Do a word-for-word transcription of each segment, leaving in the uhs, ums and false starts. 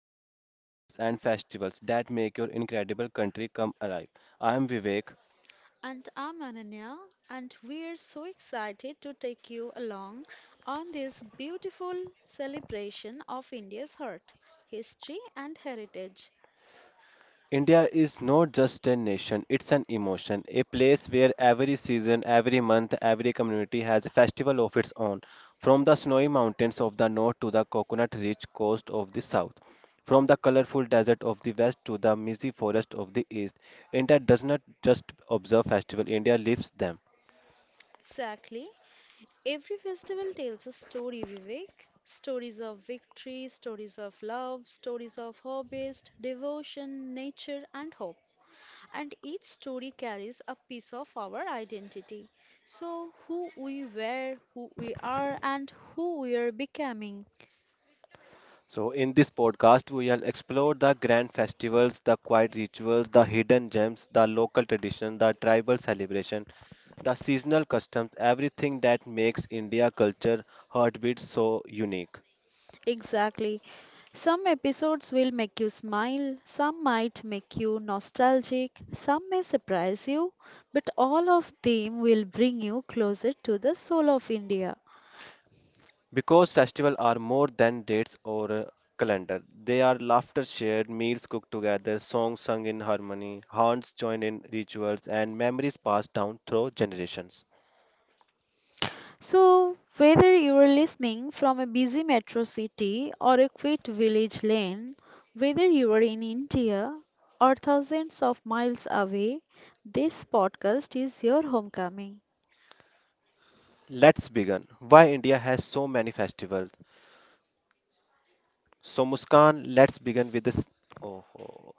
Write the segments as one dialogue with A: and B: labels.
A: traditions, colors, and festivals that make your incredible country come alive. I am Vivek.
B: And I'm Ananya, and we're so excited to take you along on this beautiful celebration of India's heart, history, and heritage.
A: India is not just a nation, it's an emotion, a place where every season, every month, every community has a festival of its own, from the snowy mountains of the north to the coconut rich coast of the south. From the colorful desert of the west to the misty forest of the east, India does not just observe festivals, India lives them.
B: Exactly. Every festival tells a story, Vivek. Stories of victory, stories of love, stories of harvest, devotion, nature, and hope. And each story carries a piece of our identity. So, who we were, who we are, and who we are becoming.
A: So, in this podcast, we will explore the grand festivals, the quiet rituals, the hidden gems, the local tradition, the tribal celebration, the seasonal customs, everything that makes India culture heartbeat so unique.
B: Exactly. Some episodes will make you smile, some might make you nostalgic, some may surprise you, but all of them will bring you closer to the soul of India.
A: Because festivals are more than dates or a calendar, they are laughter shared, meals cooked together, songs sung in harmony, hands joined in rituals, and memories passed down through generations.
B: So, whether you are listening from a busy metro city or a quiet village lane, whether you are in India or thousands of miles away, this podcast is your homecoming.
A: Let's begin. Why India has so many festivals? So Muskan, let's begin with this. Oh, oh.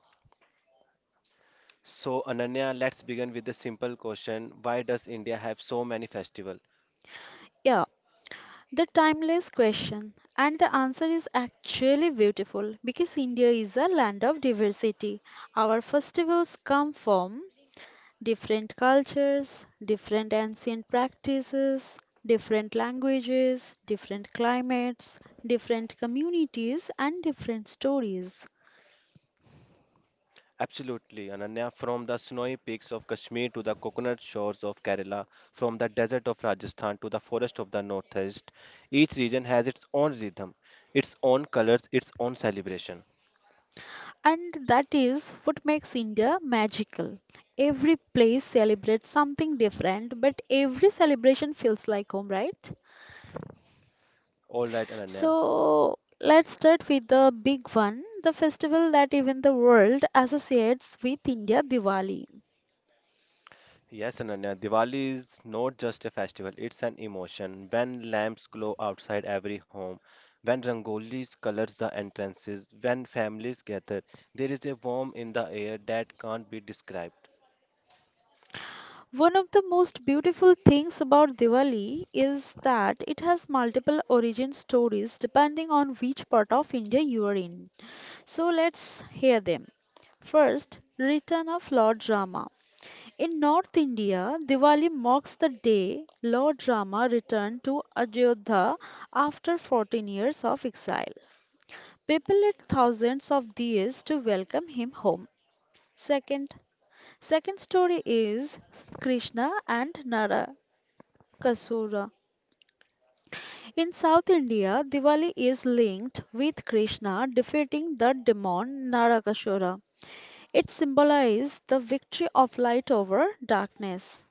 A: So Ananya, let's begin with the simple question. Why does India have so many festivals?
B: Yeah, the timeless question, and the answer is actually beautiful because India is a land of diversity. Our festivals come from different cultures, different ancient practices, different languages, different climates, different communities, and different stories.
A: Absolutely, Ananya. From the snowy peaks of Kashmir to the coconut shores of Kerala, from the desert of Rajasthan to the forest of the northeast, each region has its own rhythm, its own colors, its own celebration.
B: And that is what makes India magical. Every place celebrates something different, but every celebration feels like home, right?
A: All right, Ananya.
B: So let's start with the big one, the festival that even the world associates with India, Diwali.
A: Yes, Ananya, Diwali is not just a festival, it's an emotion. When lamps glow outside every home, when rangolis colors the entrances, when families gather, there is a warmth in the air that can't be described.
B: One of the most beautiful things about Diwali is that it has multiple origin stories depending on which part of India you are in. So let's hear them. First, return of Lord Rama. In North India, Diwali marks the day Lord Rama returned to Ajodhya after fourteen years of exile. People lit thousands of diyas to welcome him home. Second, second story is Krishna and Narakasura. In South India, Diwali is linked with Krishna defeating the demon Narakasura. It symbolizes the victory of light over darkness.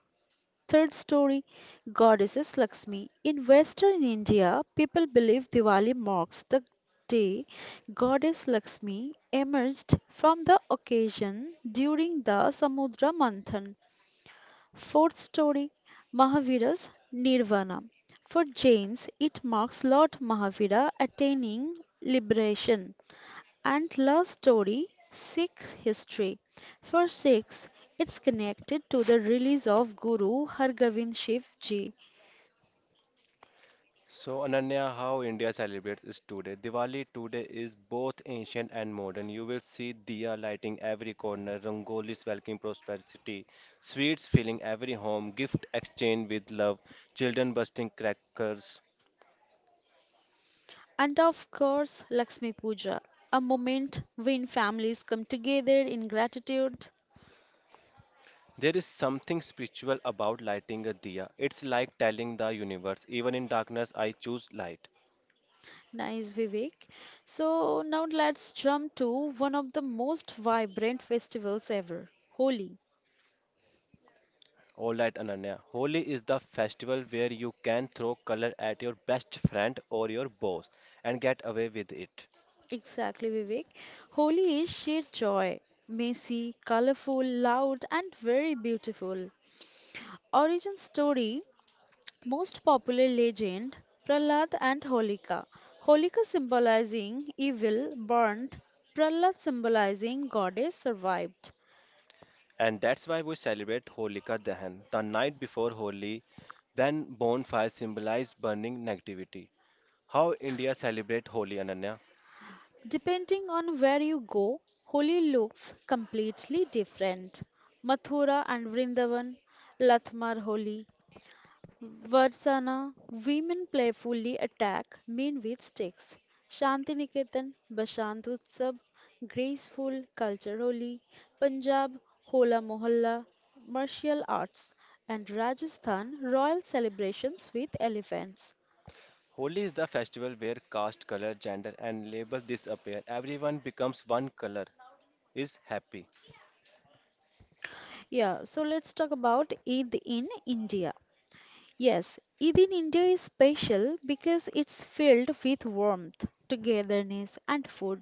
B: Third story, Goddesses Lakshmi. In Western India, people believe Diwali marks the day Goddess Lakshmi emerged from the occasion during the Samudra Manthan. Fourth story, Mahavira's Nirvana. For Jains, it marks Lord Mahavira attaining liberation. And last story, Sikh history. For Sikhs, it's connected to the release of Guru Hargobind Shiv Ji
A: So, Ananya, how India celebrates is today. Diwali today is both ancient and modern. You will see diya lighting every corner, rangolis welcoming prosperity, sweets filling every home, gift exchange with love, children bursting crackers.
B: and of course Lakshmi Puja, a moment when families come together in gratitude.
A: There is something spiritual about lighting a diya. It's like telling the universe, even in darkness, I choose light.
B: Nice, Vivek. So now let's jump to one of the most vibrant festivals ever, Holi.
A: All right, Ananya. Holi is the festival where you can throw color at your best friend or your boss and get away with it.
B: Exactly, Vivek. Holi is sheer joy, messy, colorful, loud, and very beautiful. Origin story, most popular legend, Prahlad and Holika. Holika symbolizing evil burnt, Prahlad symbolizing goddess survived.
A: And that's why we celebrate Holika Dahan, the night before Holi, when bonfires symbolize burning negativity. How India celebrate Holi, Ananya?
B: Depending on where you go, Holi looks completely different. Mathura and Vrindavan, Latmar Holi, Varsana, women playfully attack men with sticks. Shantiniketan, Basant Utsab, graceful culturally. Punjab, Hola Mohalla, martial arts. And Rajasthan, royal celebrations with elephants.
A: Holi is the festival where caste, color, gender, and labels disappear. Everyone becomes one color. Is happy.
B: Yeah, so let's talk about Eid in India. Yes, Eid in India is special because it's filled with warmth, togetherness, and food.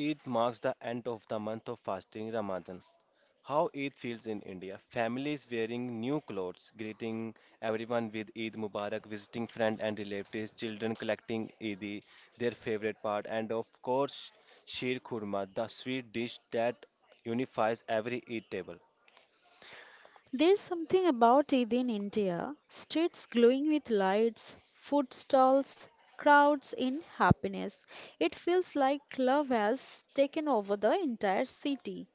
A: Eid marks the end of the month of fasting Ramadan. How Eid feels in India. Families wearing new clothes, greeting everyone with Eid Mubarak, visiting friends and relatives, children collecting Eid, their favorite part, and of course, Sheer Khurma, the sweet dish that unifies every Eid table.
B: There's something about it in India, streets glowing with lights, food stalls, crowds in happiness. It feels like love has taken over the entire city.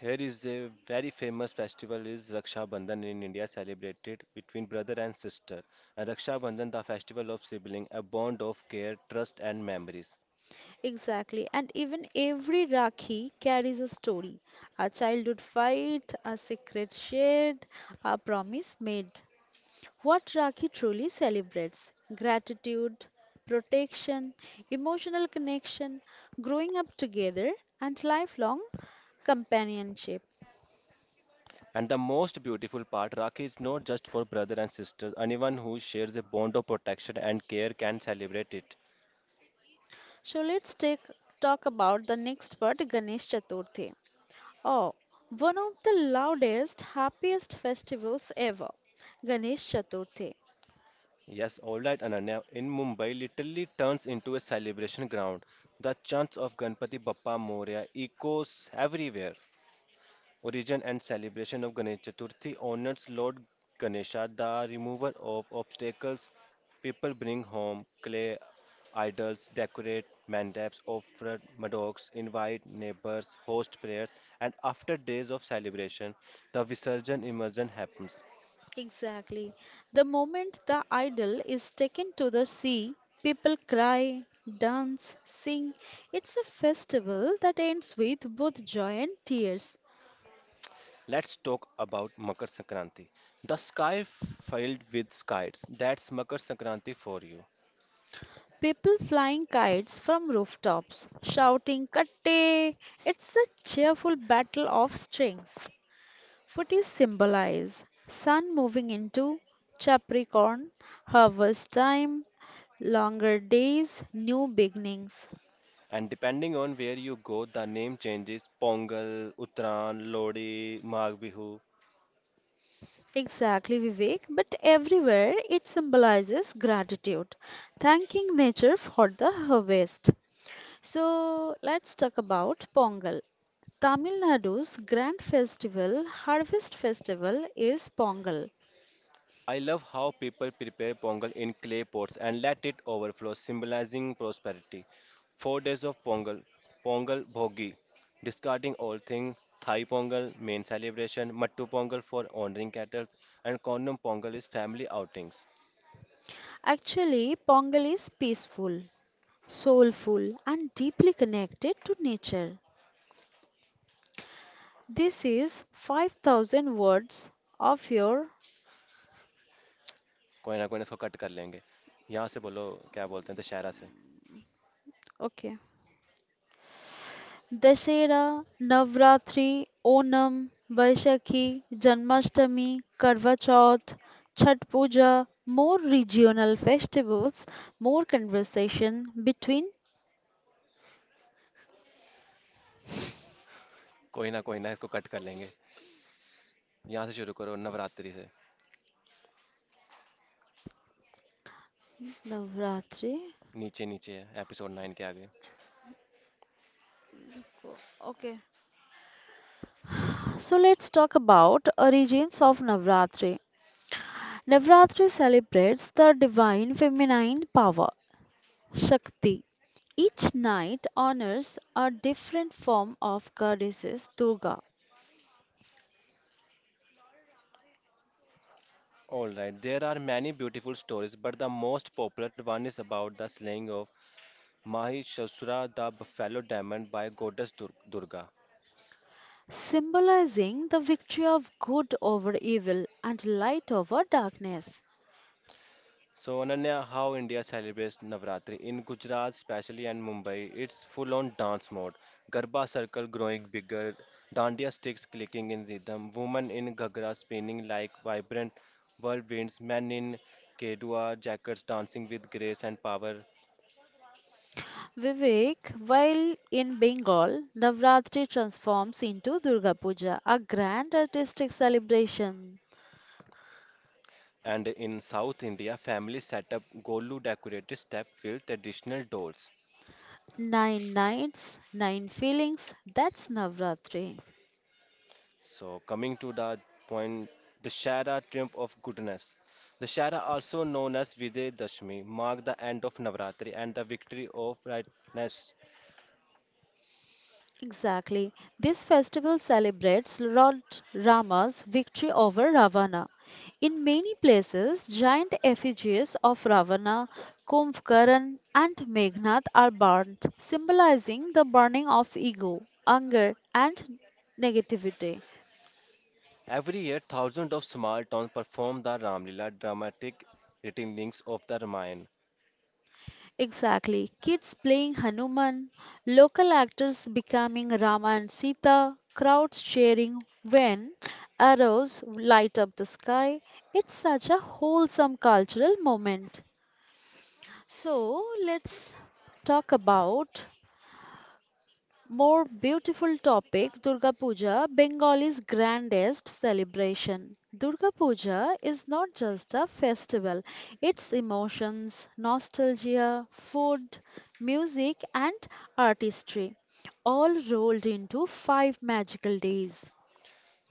A: Here is a very famous festival is Raksha Bandhan in India celebrated between brother and sister. And Raksha Bandhan the festival of sibling, a bond of care, trust and memories.
B: Exactly, and even every Rakhi carries a story, a childhood fight, a secret shared, a promise made. What Rakhi truly celebrates, gratitude, protection, emotional connection, growing up together, and lifelong companionship.
A: And the most beautiful part, Rakhi is not just for brother and sister. Anyone who shares a bond of protection and care can celebrate it.
B: So let's take talk about the next part, Ganesh Chaturthi. Oh, one of the loudest, happiest festivals ever. Ganesh Chaturthi.
A: Yes, all right, Ananya. In Mumbai, literally turns into a celebration ground. The chants of Ganpati Bappa Moria echoes everywhere. Origin and celebration of Ganesh Chaturthi honors Lord Ganesha, the remover of obstacles. People bring home clay idols, decorate mandaps, offer madocks, invite neighbors, host prayers, and after days of celebration, the Visarjan immersion happens.
B: Exactly. The moment the idol is taken to the sea, people cry, dance, sing. It's a festival that ends with both joy and tears.
A: Let's talk about Makar Sankranti. The sky filled with kites. That's Makar Sankranti for you.
B: People flying kites from rooftops, shouting "Katte!" It's a cheerful battle of strings. Footies symbolize sun moving into Capricorn, harvest time, longer days, new beginnings.
A: And depending on where you go, the name changes Pongal, Uttaran, Lodi, Magh Bihu.
B: Exactly, Vivek, but everywhere it symbolizes gratitude, thanking nature for the harvest. So let's talk about Pongal. Tamil Nadu's grand festival, harvest festival, is Pongal.
A: I love how people prepare Pongal in clay pots and let it overflow, symbolizing prosperity. Four days of Pongal, Pongal Bhogi, discarding all things. Thai Pongal, main celebration, Mattu Pongal for honoring cattle, and Kondam Pongal is family outings.
B: Actually, Pongal is peaceful, soulful, and deeply connected to nature. This is five thousand words of your,
A: कोई ना कोई ना इसको cut कर लेंगे यहाँ से बोलो क्या बोलते हैं दशहरा से
B: okay. Dussehra, Navratri, Onam, Baisakhi, Janmashtami, Karva Chauth, Chhath Puja, more regional festivals, more conversation between
A: कोई ना कोई ना इसको कट कर लेंगे यहाँ से शुरू करो नवरात्रि से
B: Navratri.
A: नीचे नीचे है एपिसोड nine के आगे।
B: Okay. So let's talk about origins of Navratri. Navratri celebrates the divine feminine power, Shakti. Each night honors a different form of goddesses Durga,
A: All right, there are many beautiful stories, but the most popular one is about the slaying of Mahishasura, the buffalo demon, by goddess Dur- Durga.
B: symbolizing the victory of good over evil and light over darkness.
A: So, Ananya, how India celebrates Navratri in Gujarat, especially and Mumbai, it's full-on dance mode. Garba circle growing bigger, dandiya sticks clicking in rhythm, women in ghagra spinning like vibrant whirlwinds, men in kedua jackets dancing with grace and power.
B: Vivek, while in Bengal, Navratri transforms into Durga Puja, a grand artistic celebration.
A: And in South India, families set up golu decorated step with additional dolls.
B: Nine nights, nine feelings, that's Navratri.
A: So coming to the point, the Shara triumph of goodness. The Shara, also known as Vijay Dashmi, mark the end of Navratri and the victory of rightness.
B: Exactly. This festival celebrates Lord Rama's victory over Ravana. In many places, giant effigies of Ravana, Kumbhkaran, and Meghnad are burnt, symbolizing the burning of ego, anger, and negativity.
A: Every year, thousands of small towns perform the Ramlila dramatic retellings of the Ramayana.
B: Exactly. Kids playing Hanuman, local actors becoming Rama and Sita, crowds cheering when arrows light up the sky. It's such a wholesome cultural moment. So let's talk about more beautiful topic, Durga Puja, Bengal's grandest celebration. Durga Puja is not just a festival, it's emotions, nostalgia, food, music, and artistry, all rolled into five magical days.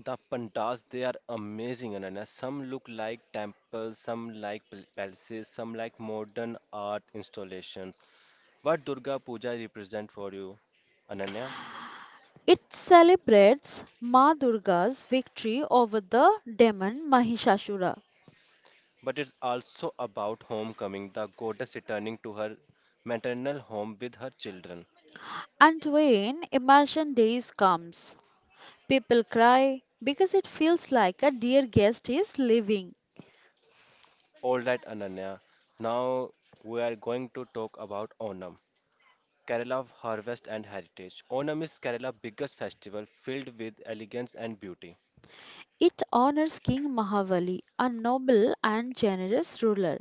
A: The pandas, they are amazing, Ananya. Some look like temples, some like pal- palaces, some like modern art installations. What Durga Puja represents for you, Ananya,
B: It celebrates Ma Durga's victory over the demon Mahishasura.
A: but it's also about homecoming, the goddess returning to her maternal home with her children.
B: And when Immersion Days comes, people cry because it feels like a dear guest is leaving.
A: All right, Ananya, now we are going to talk about Onam. Kerala of harvest and heritage. Onam is Kerala's biggest festival filled with elegance and beauty.
B: It honors King Mahabali, a noble and generous ruler.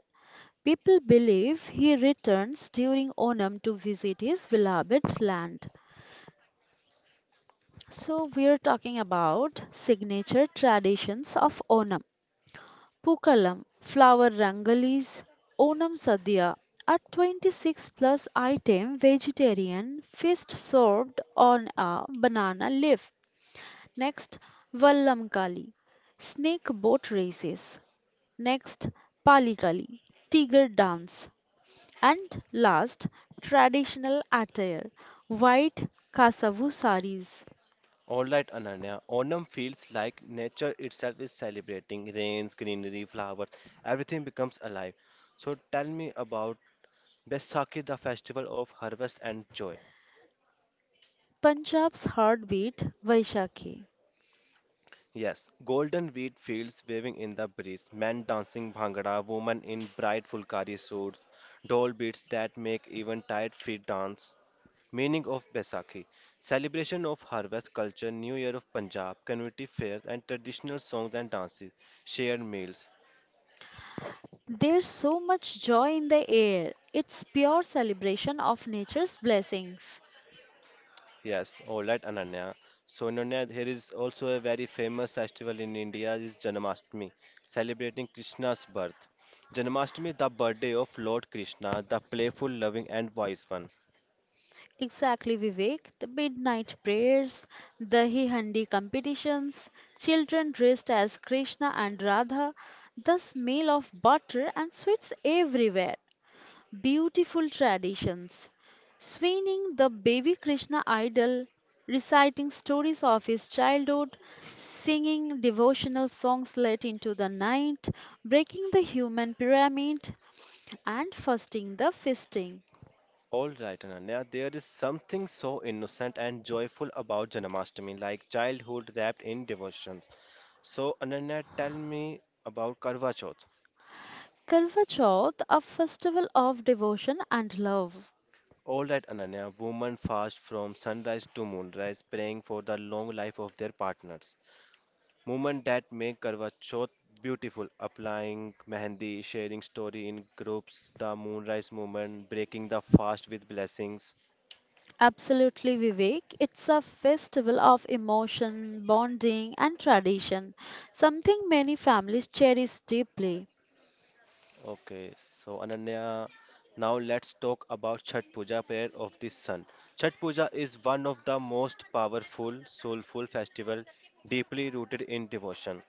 B: People believe he returns during Onam to visit his beloved land. So, we are talking about signature traditions of Onam. Pookalam, flower rangalis, Onam Sadhya, a twenty-six plus item vegetarian feast served on a banana leaf. Next, Vallamkali, snake boat races. Next, Palikali, tiger dance. And last, traditional attire, white kasavu saris,
A: All right, Ananya. Onam feels like nature itself is celebrating rains, greenery, flowers, everything becomes alive. So tell me about Baisakhi, the festival of harvest and joy.
B: Punjab's heartbeat, Vaishakhi.
A: Yes, golden wheat fields waving in the breeze, men dancing bhangra, women in bright fulkari suits, doll beats that make even tired feet dance. Meaning of Baisakhi. Celebration of harvest culture, New Year of Punjab, community fairs, and traditional songs and dances, shared meals.
B: There's so much joy in the air. It's pure celebration of nature's blessings.
A: Yes, all right, Ananya. So, Ananya, there is also a very famous festival in India is Janmashtami, celebrating Krishna's birth. Janmashtami, the birthday of Lord Krishna, the playful, loving, and wise one.
B: Exactly, Vivek. The midnight prayers, the handi competitions, children dressed as Krishna and Radha, the smell of butter and sweets everywhere. Beautiful traditions. Swinging the baby Krishna idol, reciting stories of his childhood, singing devotional songs late into the night, breaking the human pyramid, and fasting the feasting.
A: All right, Ananya, there is something so innocent and joyful about Janmashtami, like childhood wrapped in devotion. So, Ananya, tell me about Karva Chauth.
B: Karva Chauth, a festival of devotion and love.
A: All right, Ananya, women fast from sunrise to moonrise, praying for the long life of their partners. Movement that make Karwa Chauth beautiful, applying mehendi, sharing story in groups, the moonrise movement, breaking the fast with blessings.
B: Absolutely, Vivek. It's a festival of emotion, bonding, and tradition, something many families cherish deeply.
A: Okay, so Ananya, now let's talk about Chhat Puja, prayer of the sun. Chhat Puja is one of the most powerful, soulful festival, deeply rooted in devotion.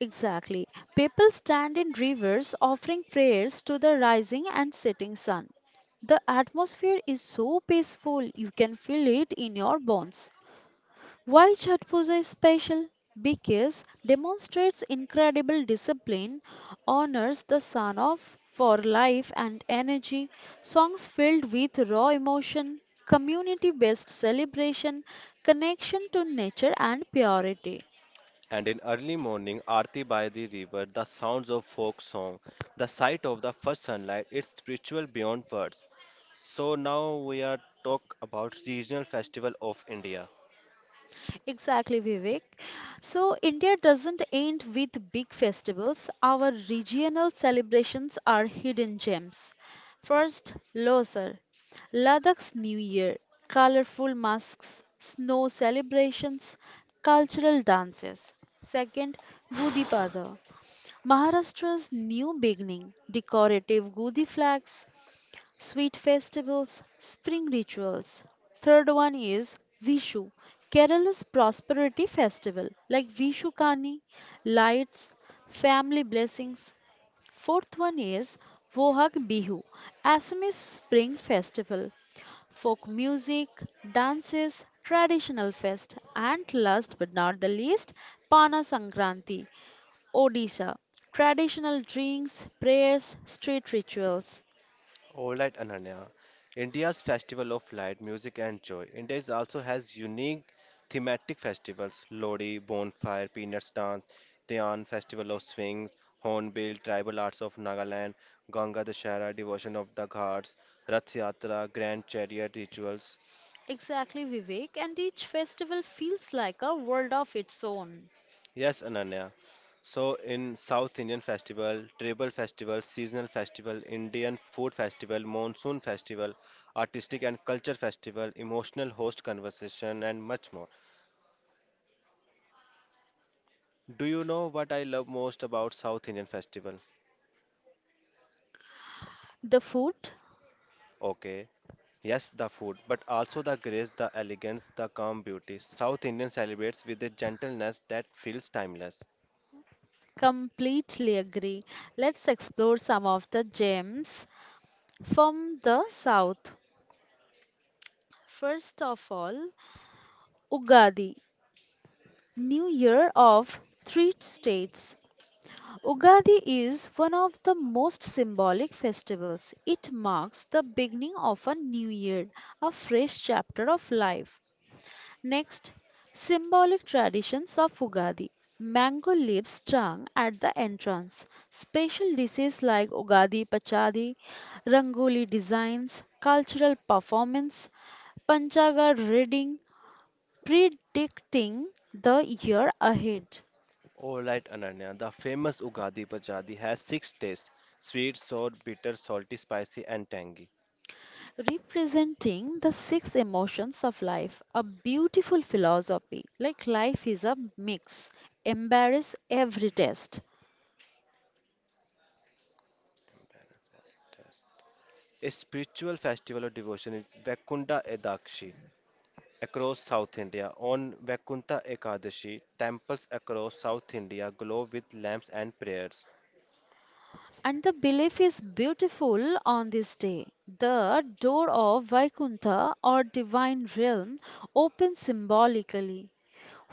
B: Exactly. People stand in rivers offering prayers to the rising and setting sun. The atmosphere is so peaceful, you can feel it in your bones. Why Chatpuja is special? Because demonstrates incredible discipline, honors the sun of for life and energy, songs filled with raw emotion, community based celebration, connection to nature and purity.
A: And in early morning aarti by the river, the sounds of folk song, the sight of the first sunlight, it's spiritual beyond words. So now we are talk about regional festival of India.
B: Exactly, Vivek. So, India doesn't end with big festivals. Our regional celebrations are hidden gems. First, Losar, Ladakh's New Year, colorful masks, snow celebrations, cultural dances. Second, Gudi Pada, Maharashtra's new beginning, decorative Gudi flags, sweet festivals, spring rituals. Third one is Vishu, Kerala's prosperity festival, like Vishu Kani, lights, family blessings. Fourth one is Vohag Bihu, Assamese spring festival, folk music, dances, traditional fest, and last but not the least, Pana Sankranti, Odisha, traditional drinks, prayers, street rituals.
A: All right, Ananya. India's Festival of Light, Music and Joy. India is also has unique thematic festivals. Lodi, Bonfire, Peanuts Dance, Dhyan, Festival of Swings, Hornbill, Tribal Arts of Nagaland, Ganga Dashera, Devotion of the Ghats, Rath Yatra, Grand Chariot Rituals.
B: Exactly, Vivek, and each festival feels like a world of its own.
A: Yes, Ananya. So in South Indian festival, tribal festival, seasonal festival, Indian food festival, monsoon festival, artistic and culture festival, emotional host conversation and much more. Do you know what I love most about South Indian festival?
B: The food?
A: Okay. Yes, the food, but also the grace, the elegance, the calm beauty. South Indian celebrates with a gentleness that feels timeless.
B: Completely agree. Let's explore some of the gems from the south. First of all, Ugadi, New Year of Three States. Ugadi is one of the most symbolic festivals. It marks the beginning of a new year, a fresh chapter of life. Next, symbolic traditions of Ugadi. Mango leaves strung at the entrance. Special dishes like Ugadi Pachadi, Rangoli designs, cultural performance, Panchaga reading, predicting the year ahead,
A: Alright, Ananya, the famous Ugadi Pachadi has six tastes: sweet, sour, bitter, salty, spicy, and tangy.
B: representing the six emotions of life. A beautiful philosophy, like life is a mix. Embrace every test.
A: Fantastic. A spiritual festival of devotion is Vaikunta Edakshi across South India. On Vaikunta Ekadashi, temples across South India glow with lamps and prayers.
B: And the belief is beautiful on this day. The door of Vaikuntha or divine realm opens symbolically.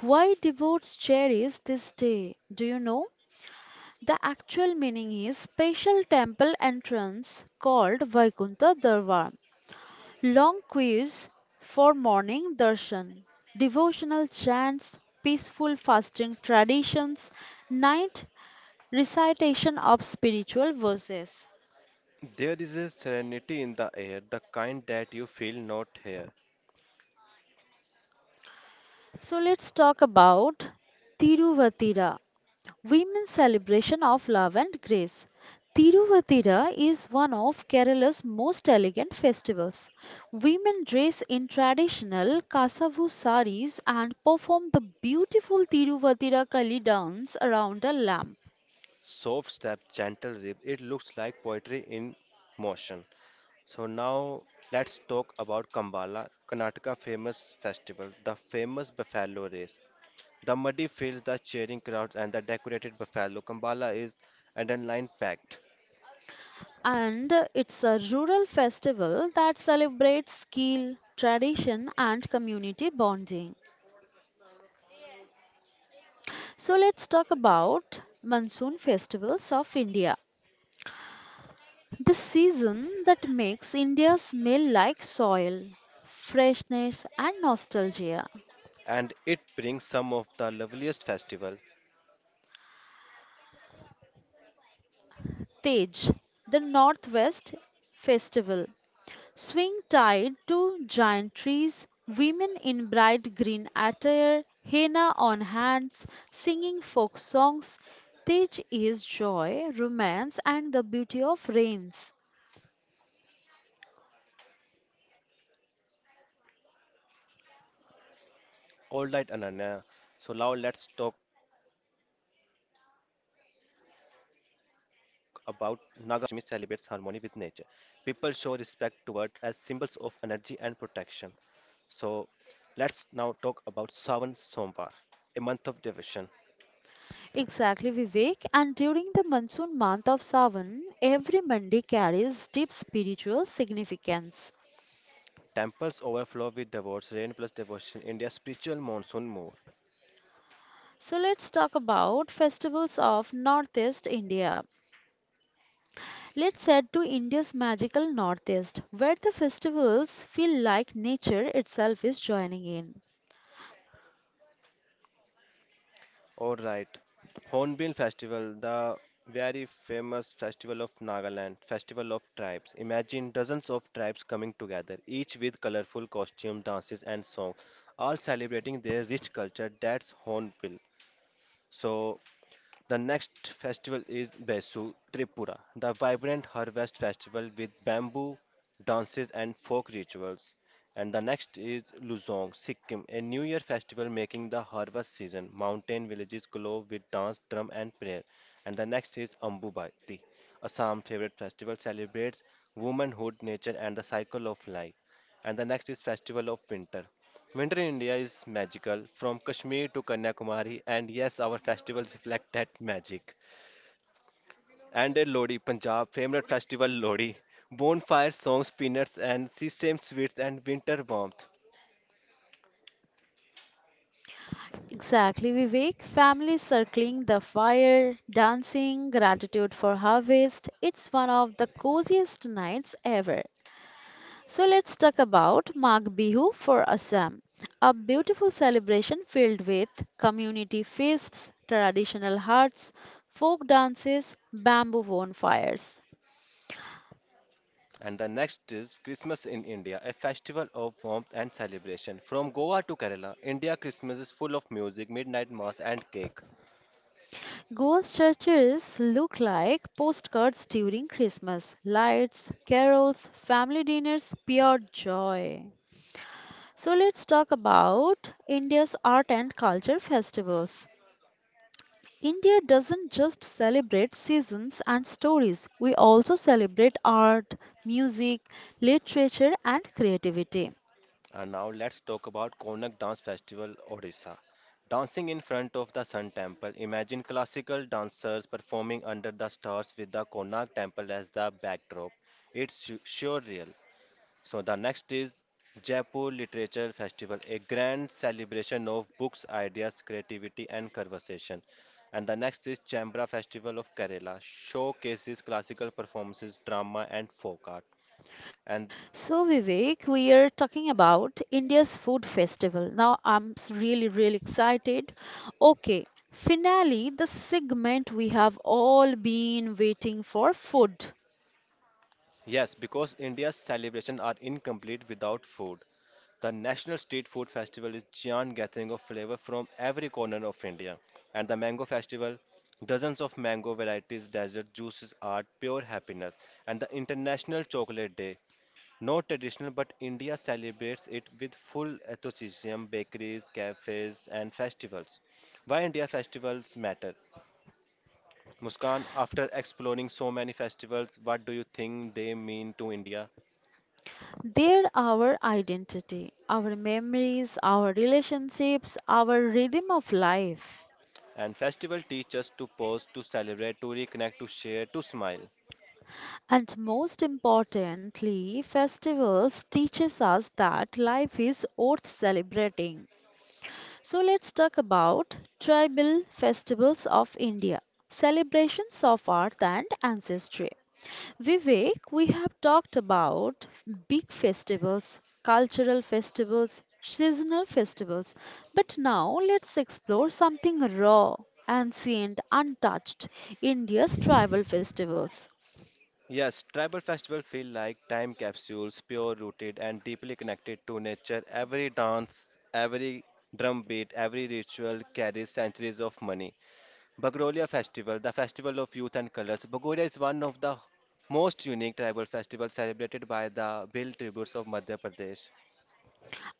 B: Why devotees cherish this day? Do you know? The actual meaning is special temple entrance called Vaikuntha Darbar. Long queues for morning darshan, devotional chants, peaceful fasting traditions, night recitation of spiritual verses.
A: There is a serenity in the air, the kind that you feel not here.
B: So let's talk about Tiruvatira, women's celebration of love and grace. Tiruvatira is one of Kerala's most elegant festivals. Women dress in traditional Kasavu saris and perform the beautiful Tiruvatira Kali dance around a lamp.
A: Soft step, gentle rhythm, it looks like poetry in motion. So now let's talk about Kambala, Karnataka famous festival, the famous buffalo race. The muddy fields, the cheering crowds, and the decorated buffalo. Kambala is adrenaline packed,
B: And it's a rural festival that celebrates skill, tradition, and community bonding. So let's talk about monsoon festivals of India. The season that makes India smell like soil, freshness, and nostalgia.
A: and it brings some of the loveliest festival.
B: Tej, the Northwest Festival. Swing tied to giant trees, women in bright green attire, henna on hands, singing folk songs. Tej is joy, romance, and the beauty of rains.
A: All right, Ananya. So now let's talk about Naga Panchami, festival of nature and reverence. Naga Panchami celebrates harmony with nature. People show respect toward serpents as symbols of energy and protection. So let's now talk about Sawan Somvar, a month of devotion.
B: Exactly, Vivek. And during the monsoon month of Sawan, every mandi carries deep spiritual significance.
A: Temples overflow with devotees, rain plus devotion, India's spiritual monsoon more.
B: So let's talk about festivals of Northeast India. Let's head to India's magical Northeast, where the festivals feel like nature itself is joining in.
A: Alright, Hornbill Festival, the very famous festival of Nagaland, festival of tribes. Imagine dozens of tribes coming together, each with colorful costumes, dances, and songs, all celebrating their rich culture. That's Hornbill. So, the next festival is Besu Tripura, the vibrant harvest festival with bamboo dances and folk rituals. And the next is Luzong, Sikkim, a New Year festival making the harvest season. Mountain villages glow with dance, drum, and prayer. And the next is Ambubati, Assam favorite festival celebrates womanhood, nature, and the cycle of life. And the next is Festival of Winter. Winter in India is magical from Kashmir to Kanyakumari, and yes, our festivals reflect that magic. And at Lodi, Punjab, favorite festival Lodi, bonfire songs, peanuts, and sesame sweets, and winter warmth.
B: Exactly, Vivek. Families circling the fire, dancing, gratitude for harvest. It's one of the coziest nights ever. So let's talk about Mag Bihu for Assam, a beautiful celebration filled with community feasts, traditional huts, folk dances, bamboo bonfires.
A: And the next is Christmas in India, a festival of warmth and celebration. From Goa to Kerala, India Christmas is full of music, midnight mass, and cake.
B: Goa's churches look like postcards during Christmas, lights, carols, family dinners, pure joy. So let's talk about India's art and culture festivals. India doesn't just celebrate seasons and stories, we also celebrate art, music, literature, and creativity.
A: And now let's talk about Konak Dance Festival, Odisha. Dancing in front of the Sun Temple. Imagine classical dancers performing under the stars with the Konak Temple as the backdrop. It's su- surreal. So the next is Jaipur Literature Festival, a grand celebration of books, ideas, creativity, and conversation. And the next is Chambra Festival of Kerala, showcases classical performances, drama, and folk art. And
B: So, Vivek, we are talking about India's food festival. Now, I'm s- really, really excited. Okay, finally, the segment we have all been waiting for, food.
A: yes, because India's celebrations are incomplete without food. The National Street Food Festival is giant gathering of flavor from every corner of India. And the Mango Festival, dozens of mango varieties, dessert, juices, are pure happiness. And the International Chocolate Day, not traditional, but India celebrates it with full enthusiasm, bakeries, cafes, and festivals. Why India festivals matter? Muskan, after exploring so many festivals, what do you think they mean to India?
B: They're our identity, our memories, our relationships, our rhythm of life.
A: And festival teach us to pause, to celebrate, to reconnect, to share, to smile.
B: And most importantly, festivals teaches us that life is worth celebrating. So let's talk about tribal festivals of India, celebrations of art and ancestry. Vivek, we have talked about big festivals, cultural festivals, seasonal festivals, but now let's explore something raw, ancient, untouched, India's tribal festivals.
A: Yes, tribal festival feel like time capsules, pure rooted and deeply connected to nature. Every dance, every drum beat, every ritual carries centuries of money. Bagrolia Festival, the festival of youth and colors. Bagoria is one of the most unique tribal festivals celebrated by the Bill tributes of Madhya Pradesh.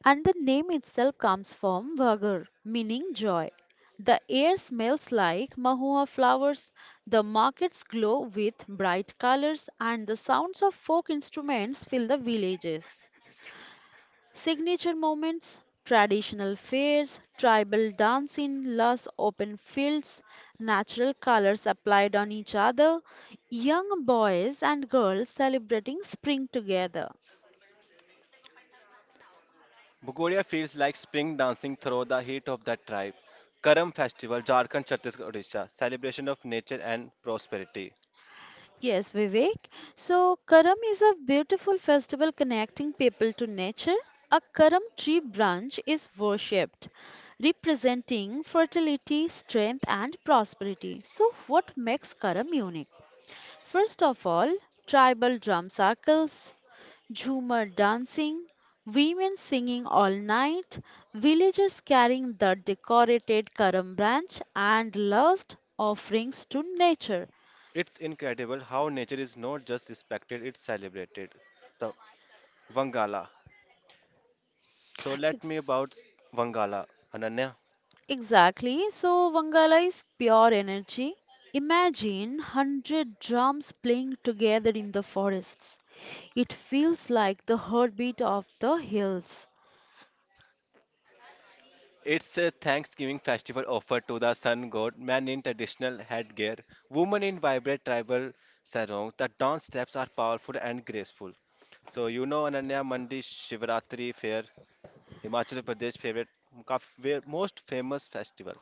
B: And the name itself comes from Vagar, meaning joy. The air smells like mahua flowers, the markets glow with bright colors, and the sounds of folk instruments fill the villages. Signature moments, traditional fairs, tribal dance in lush open fields, natural colors applied on each other, young boys and girls celebrating spring together.
A: Bhugoria feels like spring dancing through the heat of that tribe. Karam Festival, Jharkhand, Chhattisgarh, Odisha, celebration of nature and prosperity.
B: Yes, Vivek. So, Karam is a beautiful festival connecting people to nature. A Karam tree branch is worshipped, representing fertility, strength, and prosperity. So, what makes Karam unique? First of all, tribal drum circles, Jhumar dancing, women singing all night, villagers carrying the decorated karam branch and lost offerings to nature.
A: It's incredible how nature is not just respected, it's celebrated. The Vangala. So let me
B: Ex-
A: about Vangala, Ananya.
B: Exactly. So Vangala is pure energy. Imagine one hundred drums playing together in the forests. It feels like the heartbeat of the hills.
A: It's a Thanksgiving festival offered to the sun god, men in traditional headgear, women in vibrant tribal sarongs. The dance steps are powerful and graceful. So you know Ananya Mandi Shivratri fair Himachal Pradesh favorite का fa- most famous festival.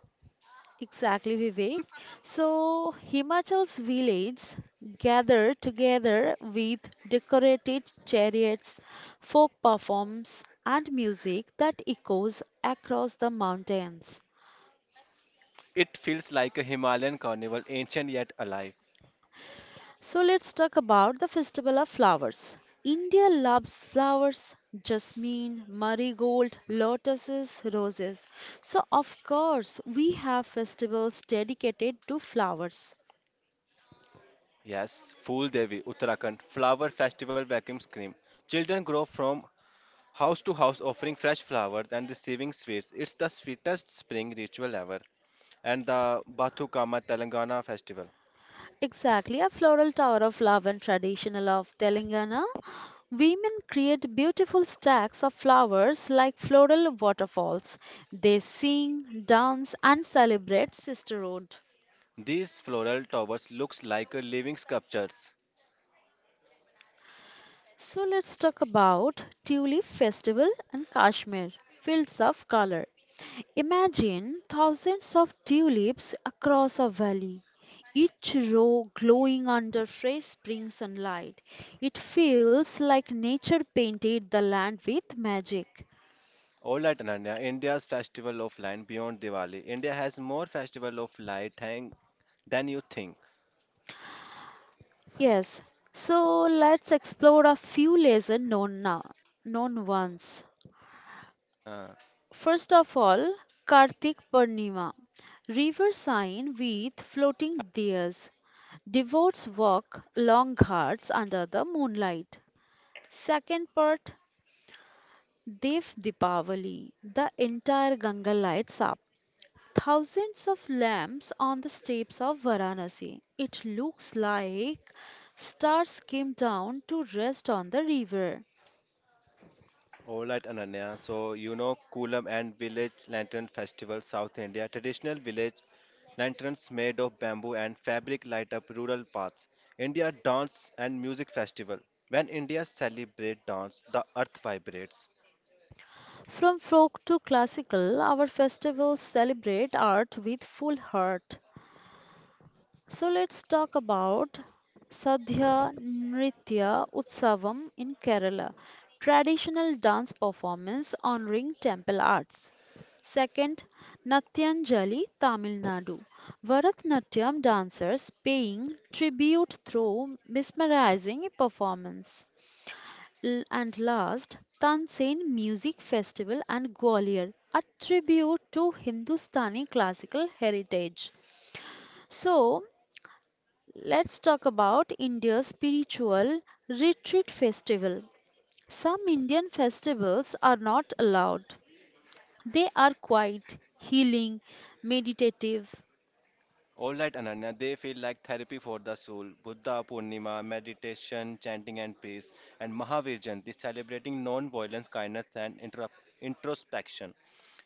B: Exactly, Vivek. So Himachal's villages gather together with decorated chariots, folk performs, and music that echoes across the mountains.
A: It feels like a Himalayan carnival, ancient yet alive.
B: So let's talk about the Festival of Flowers. India loves flowers, jasmine, marigold,
A: So,
B: lotuses, roses. So of course we have festivals dedicated to flowers.
A: yes, Fool Devi, Uttarakhand, flower festival vacuum cream. Children grow from house to house offering fresh flowers and receiving sweets. It's the sweetest spring ritual ever. And the Bathukama Telangana festival.
B: Exactly, a floral tower of love and traditional of Telangana. Women create beautiful stacks of flowers like floral waterfalls. They sing, dance, and celebrate sisterhood.
A: These floral towers looks like a living sculptures.
B: So let's talk about Tulip Festival and Kashmir, fields of color. Imagine thousands of tulips across a valley, each row glowing under fresh spring sunlight. It feels like nature painted the land with magic.
A: All right, Ananya. India's Festival of Light beyond Diwali. India has more Festival of Light hang than you think.
B: Yes, so let's explore a few lessons known now, known ones.
A: Uh,
B: First of all, Kartik Purnima, river sign with floating diyas. Devotees walk long ghats under the moonlight. Second part, Dev Deepavali, the entire Ganga lights up. Thousands of lamps on the steps of Varanasi. It looks like stars came down to rest on the river.
A: all right, Ananya. So you know Kulam and Village Lantern Festival, South India. Traditional village lanterns made of bamboo and fabric light up rural paths. India Dance and Music Festival. When India celebrates dance, the earth vibrates.
B: From folk to classical, our festivals celebrate art with full heart. So let's talk about Sadhya Nritya Utsavam in Kerala, traditional dance performance honoring temple arts. Second, Natyanjali, Tamil Nadu. Bharatanatyam dancers paying tribute through mesmerizing performance. L- And last, Tansen Music Festival and Gwalior, a tribute to Hindustani classical heritage. So, let's talk about India's spiritual retreat festival. Some Indian festivals are not allowed. They are quite healing, meditative.
A: All right, Ananya, they feel like therapy for the soul. Buddha Purnima, meditation, chanting, and peace, and Mahavir Jayanti, celebrating non-violence, kindness, and intra- introspection.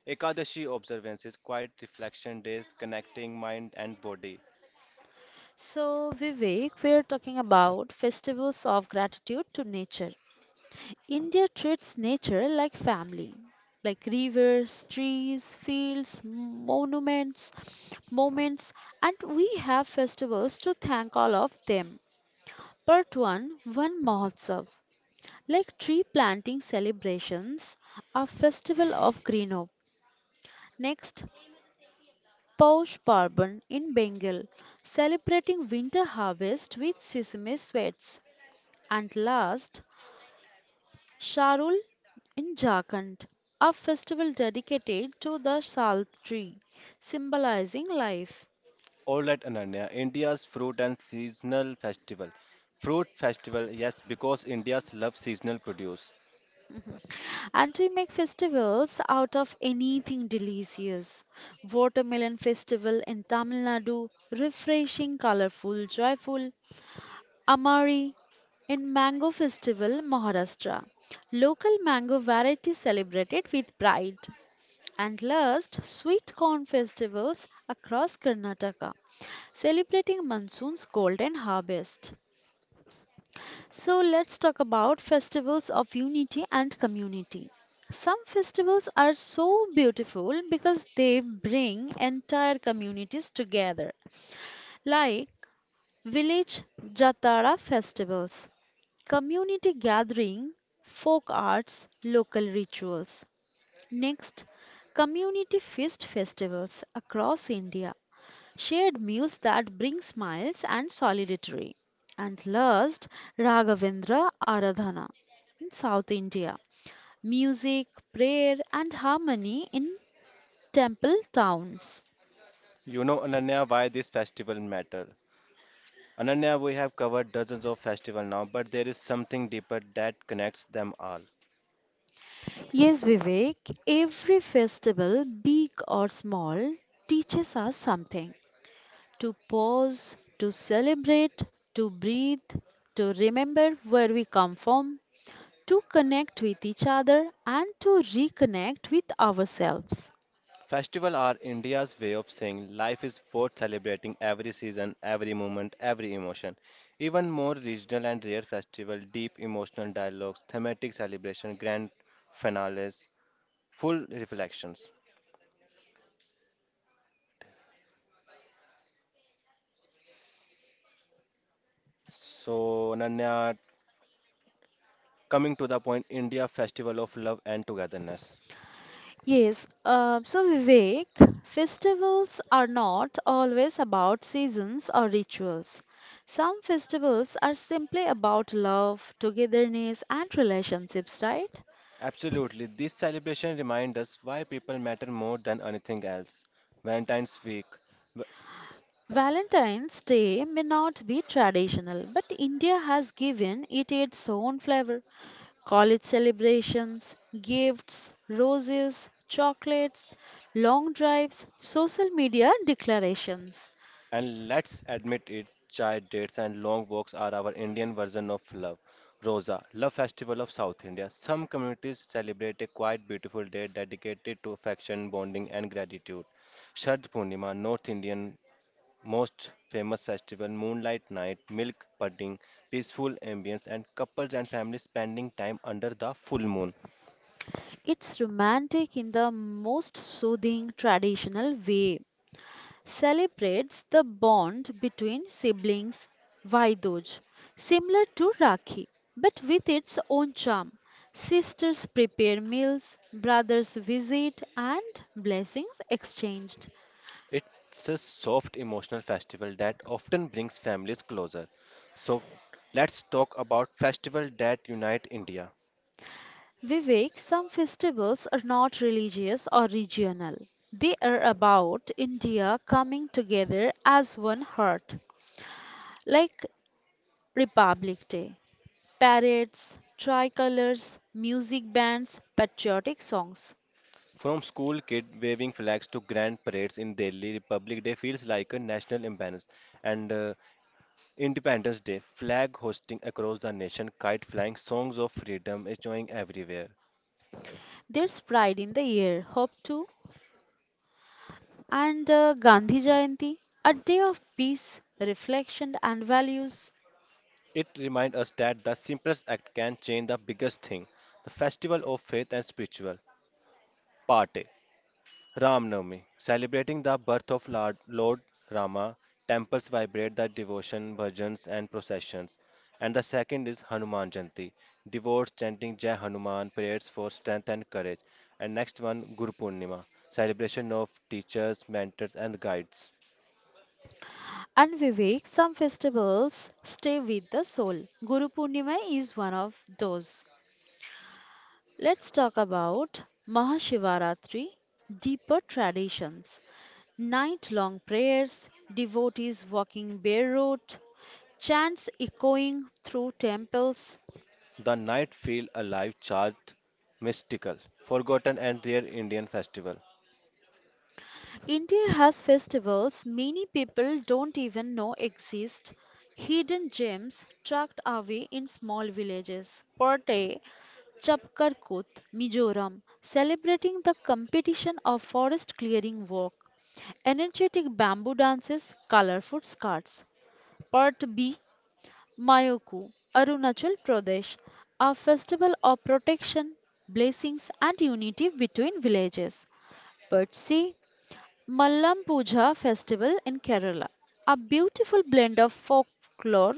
A: Ekadashi observances, quiet reflection days, connecting mind and body.
B: So, Vivek, we are talking about festivals of gratitude to nature. India treats nature like family, like rivers, trees, fields, monuments, moments, and we have festivals to thank all of them. Part 1 One Mahotsav. Like tree planting celebrations, a festival of Greenop. Next, Paush Parban in Bengal, celebrating winter harvest with sesame sweets. And last, Sharul in Jharkhand, a festival dedicated to the sal tree, symbolizing life.
A: All right, Ananya, India's fruit and seasonal festival. Fruit festival, yes, because India's love seasonal produce.
B: And we make festivals out of anything delicious. Watermelon festival in Tamil Nadu, refreshing, colorful, joyful. Amari in Mango Festival, Maharashtra. Local mango varieties celebrated with pride. And last, sweet corn festivals across Karnataka, celebrating monsoon's golden harvest. So let's talk about festivals of unity and community. Some festivals are so beautiful because they bring entire communities together, like village Jatara festivals community gathering, folk arts, local rituals. Next, community feast festivals across India, shared meals that bring smiles and solidarity. And last, Raghavendra Aradhana in South India, music, prayer, and harmony in temple towns.
A: You know, Ananya, why this festival matter? Ananya, we have covered dozens of festivals now, but there is something deeper that connects them all.
B: Yes, Vivek, every festival, big or small, teaches us something. To pause, to celebrate, to breathe, to remember where we come from, to connect with each other, and to reconnect with ourselves.
A: Festivals are India's way of saying life is worth celebrating every season, every moment, every emotion. Even more regional and rare festivals, deep emotional dialogues, thematic celebration, grand finales, full reflections. So, Ananya, coming to the point, India Festival of Love and Togetherness.
B: Yes, uh, so Vivek, festivals are not always about seasons or rituals. Some festivals are simply about love, togetherness, and relationships, right?
A: Absolutely. This celebration reminds us why people matter more than anything else. Valentine's Week. w-
B: Valentine's Day may not be traditional, but India has given it its own flavor. College celebrations, gifts, roses, chocolates, long drives, social media declarations.
A: And let's admit it, chai dates and long walks are our Indian version of love. Rosa, Love Festival of South India. Some communities celebrate a quite beautiful day dedicated to affection, bonding, and gratitude. Shard Purnima, North Indian most famous festival, moonlight night, milk pudding, peaceful ambience, and couples and families spending time under the full moon.
B: It's romantic in the most soothing traditional way. Celebrates the bond between siblings, Vaidoj, similar to Rakhi, but with its own charm. Sisters prepare meals, brothers visit, and blessings exchanged.
A: It's a soft emotional festival that often brings families closer. So let's talk about festivals that unite India.
B: Vivek, some festivals are not religious or regional. They are about India coming together as one heart, like Republic Day, parades, tricolors, music bands, patriotic songs.
A: From school kid waving flags to grand parades in Delhi, Republic Day feels like a national imbalance. And uh, Independence Day, flag hosting across the nation, kite flying, songs of freedom is joining everywhere.
B: There's pride in the air, hope too. And uh, Gandhi Jayanti, a day of peace, reflection, and values.
A: It reminds us that the simplest act can change the biggest thing. The festival of faith and spiritual. Parte. Ramnavami, celebrating the birth of Lord, Lord Rama, temples vibrate the devotion, bhajans, and processions. And the second is Hanuman Janti, devotees chanting Jai Hanuman, prayers for strength and courage. And next one, Guru Purnima, celebration of teachers, mentors, and guides.
B: And Vivek, some festivals stay with the soul. Guru Purnima is one of those. Let's talk about Mahashivaratri, deeper traditions, night long prayers, devotees walking barefoot, chants echoing through temples,
A: The night feel alive, charged, mystical, forgotten, and rare Indian festival.
B: India has festivals many people don't even know exist, hidden gems tucked away in small villages. Pattay, Chapkarkut, Mizoram, celebrating the competition of forest clearing work, energetic bamboo dances, colorful skirts. Part B, Mayoku, Arunachal Pradesh, a festival of protection, blessings, and unity between villages. Part C, Mallam Puja festival in Kerala, a beautiful blend of folklore,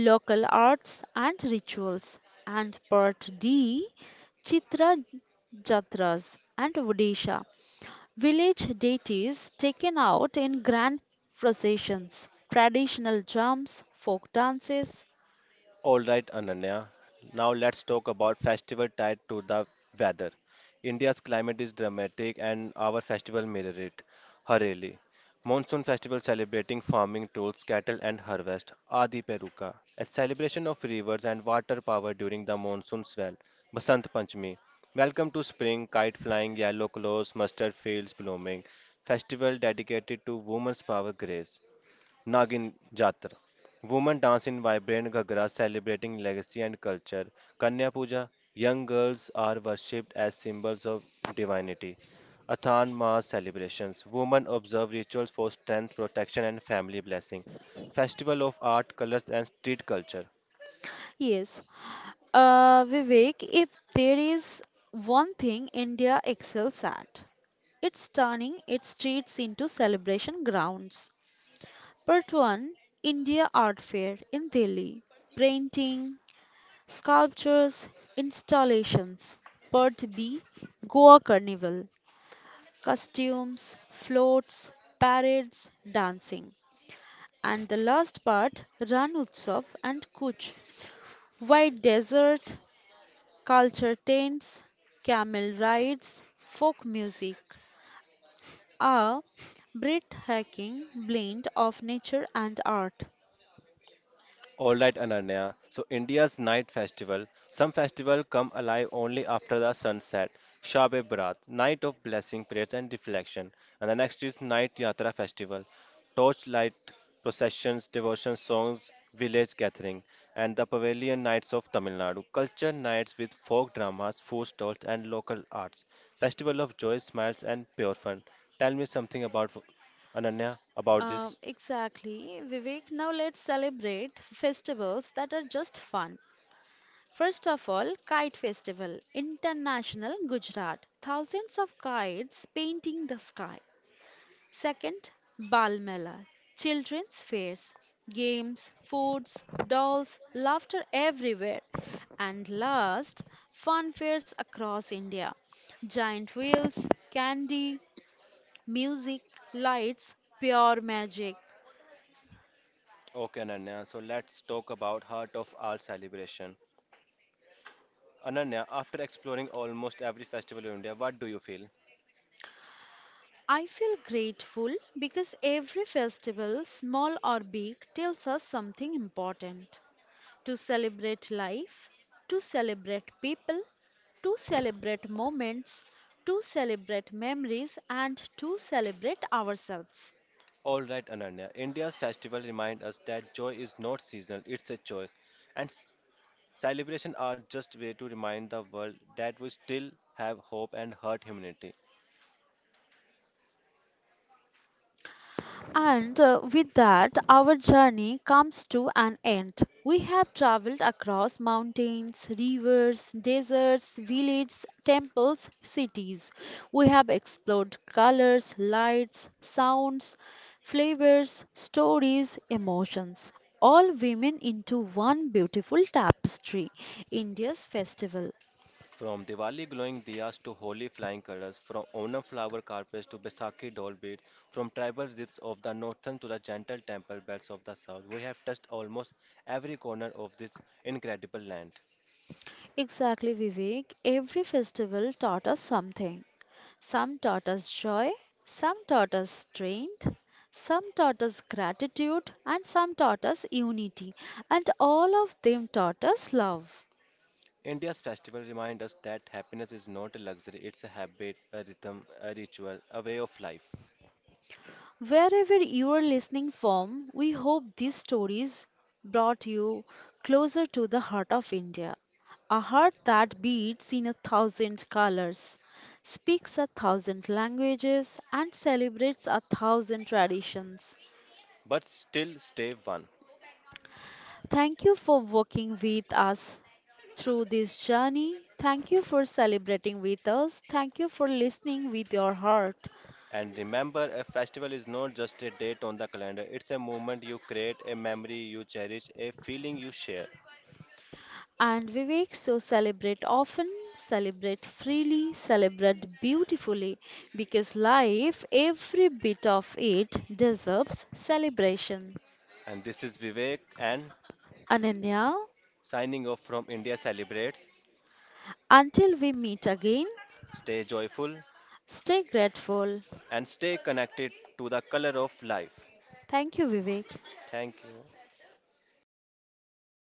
B: local arts and rituals, and part D Chitra Jatras and Odisha, village deities taken out in grand processions, traditional drums, folk dances.
A: All right, Ananya. Now let's talk about festival tied to the weather. India's climate is dramatic and our festival mirror it. Hareli. Monsoon festival celebrating farming tools, cattle and harvest. Adi Peruka. A celebration of rivers and water power during the monsoon swell. Basant Panchami. Welcome to spring, kite flying, yellow clothes, mustard fields blooming. Festival dedicated to women's power grace. Nagin Jatra. Women dance in vibrant Ghagras celebrating legacy and culture. Kanya Puja. Young girls are worshipped as symbols of divinity. Athan Mass celebrations. Women observe rituals for strength, protection, and family blessing. Festival of art, colors, and street culture.
B: Yes, Uh, Vivek, if there is one thing India excels at, it's turning its streets into celebration grounds. Part one India Art Fair in Delhi Painting, Sculptures, Installations. Part B Goa Carnival Costumes, Floats, Parades, Dancing. And the last part Ran Utsav and Kuch White Desert, culture tents, camel rides, folk music, a breathtaking blend of nature and art.
A: All right, Ananya. So India's night festival. Some festival come alive only after the sunset. Shab e Barat, night of blessing, prayers and reflection. And the next is Night Yatra festival, torchlight processions, devotion songs, village gathering, and the Pavilion Nights of Tamil Nadu. Culture nights with folk dramas, food stalls, and local arts. Festival of joy, smiles, and pure fun. Tell me something about Ananya about
B: Um,
A: this.
B: exactly, Vivek. Now let's celebrate festivals that are just fun. First of all, Kite Festival, International Gujarat. Thousands of kites painting the sky. Second, Bal Mela, Children's fairs, games, foods, dolls, laughter everywhere. And last, fun fairs across India. Giant wheels, candy, music, lights, pure magic.
A: Okay, Ananya, so let's talk about Heart of Art celebration. Ananya, after exploring almost every festival in India, what do you feel?
B: I feel grateful because every festival, small or big, tells us something important. To celebrate life, to celebrate people, to celebrate moments, to celebrate memories, and to celebrate ourselves.
A: All right, Ananya, India's festival remind us that joy is not seasonal, it's a choice. And s- Celebration are just way to remind the world that we still have hope and hurt humanity.
B: And uh, with that, our journey comes to an end. We have traveled across mountains, rivers, deserts, villages, temples, cities. We have explored colors, lights, sounds, flavors, stories, emotions. All women into one beautiful tapestry, India's festival.
A: From Diwali glowing diyas to holy flying colors, from Onam flower carpets to Baisakhi doll beads, from tribal zips of the northern to the gentle temple bells of the south, we have touched almost every corner of this incredible land.
B: Exactly, Vivek. Every festival taught us something. Some taught us joy, some taught us strength, some taught us gratitude, and some taught us unity. And all of them taught us love.
A: India's festival remind us that happiness is not a luxury, it's a habit, a rhythm, a ritual, a way of life.
B: Wherever you are listening from, we hope these stories brought you closer to the heart of India, a heart that beats in a thousand colors, speaks a thousand languages, and celebrates a thousand traditions.
A: But still stay one.
B: Thank you for walking with us through this journey. Thank you for celebrating with us. Thank you for listening with your heart.
A: And remember, a festival is not just a date on the calendar, it's a moment you create, a memory you cherish, a feeling you share.
B: And Vivek, so celebrate often, celebrate freely, celebrate beautifully because life, every bit of it, deserves celebration.
A: And this is Vivek and
B: Ananya,
A: signing off from India Celebrates.
B: until we meet again,
A: Stay joyful
B: stay grateful.
A: and stay connected to the color of life.
B: Thank you, Vivek.
A: Thank you.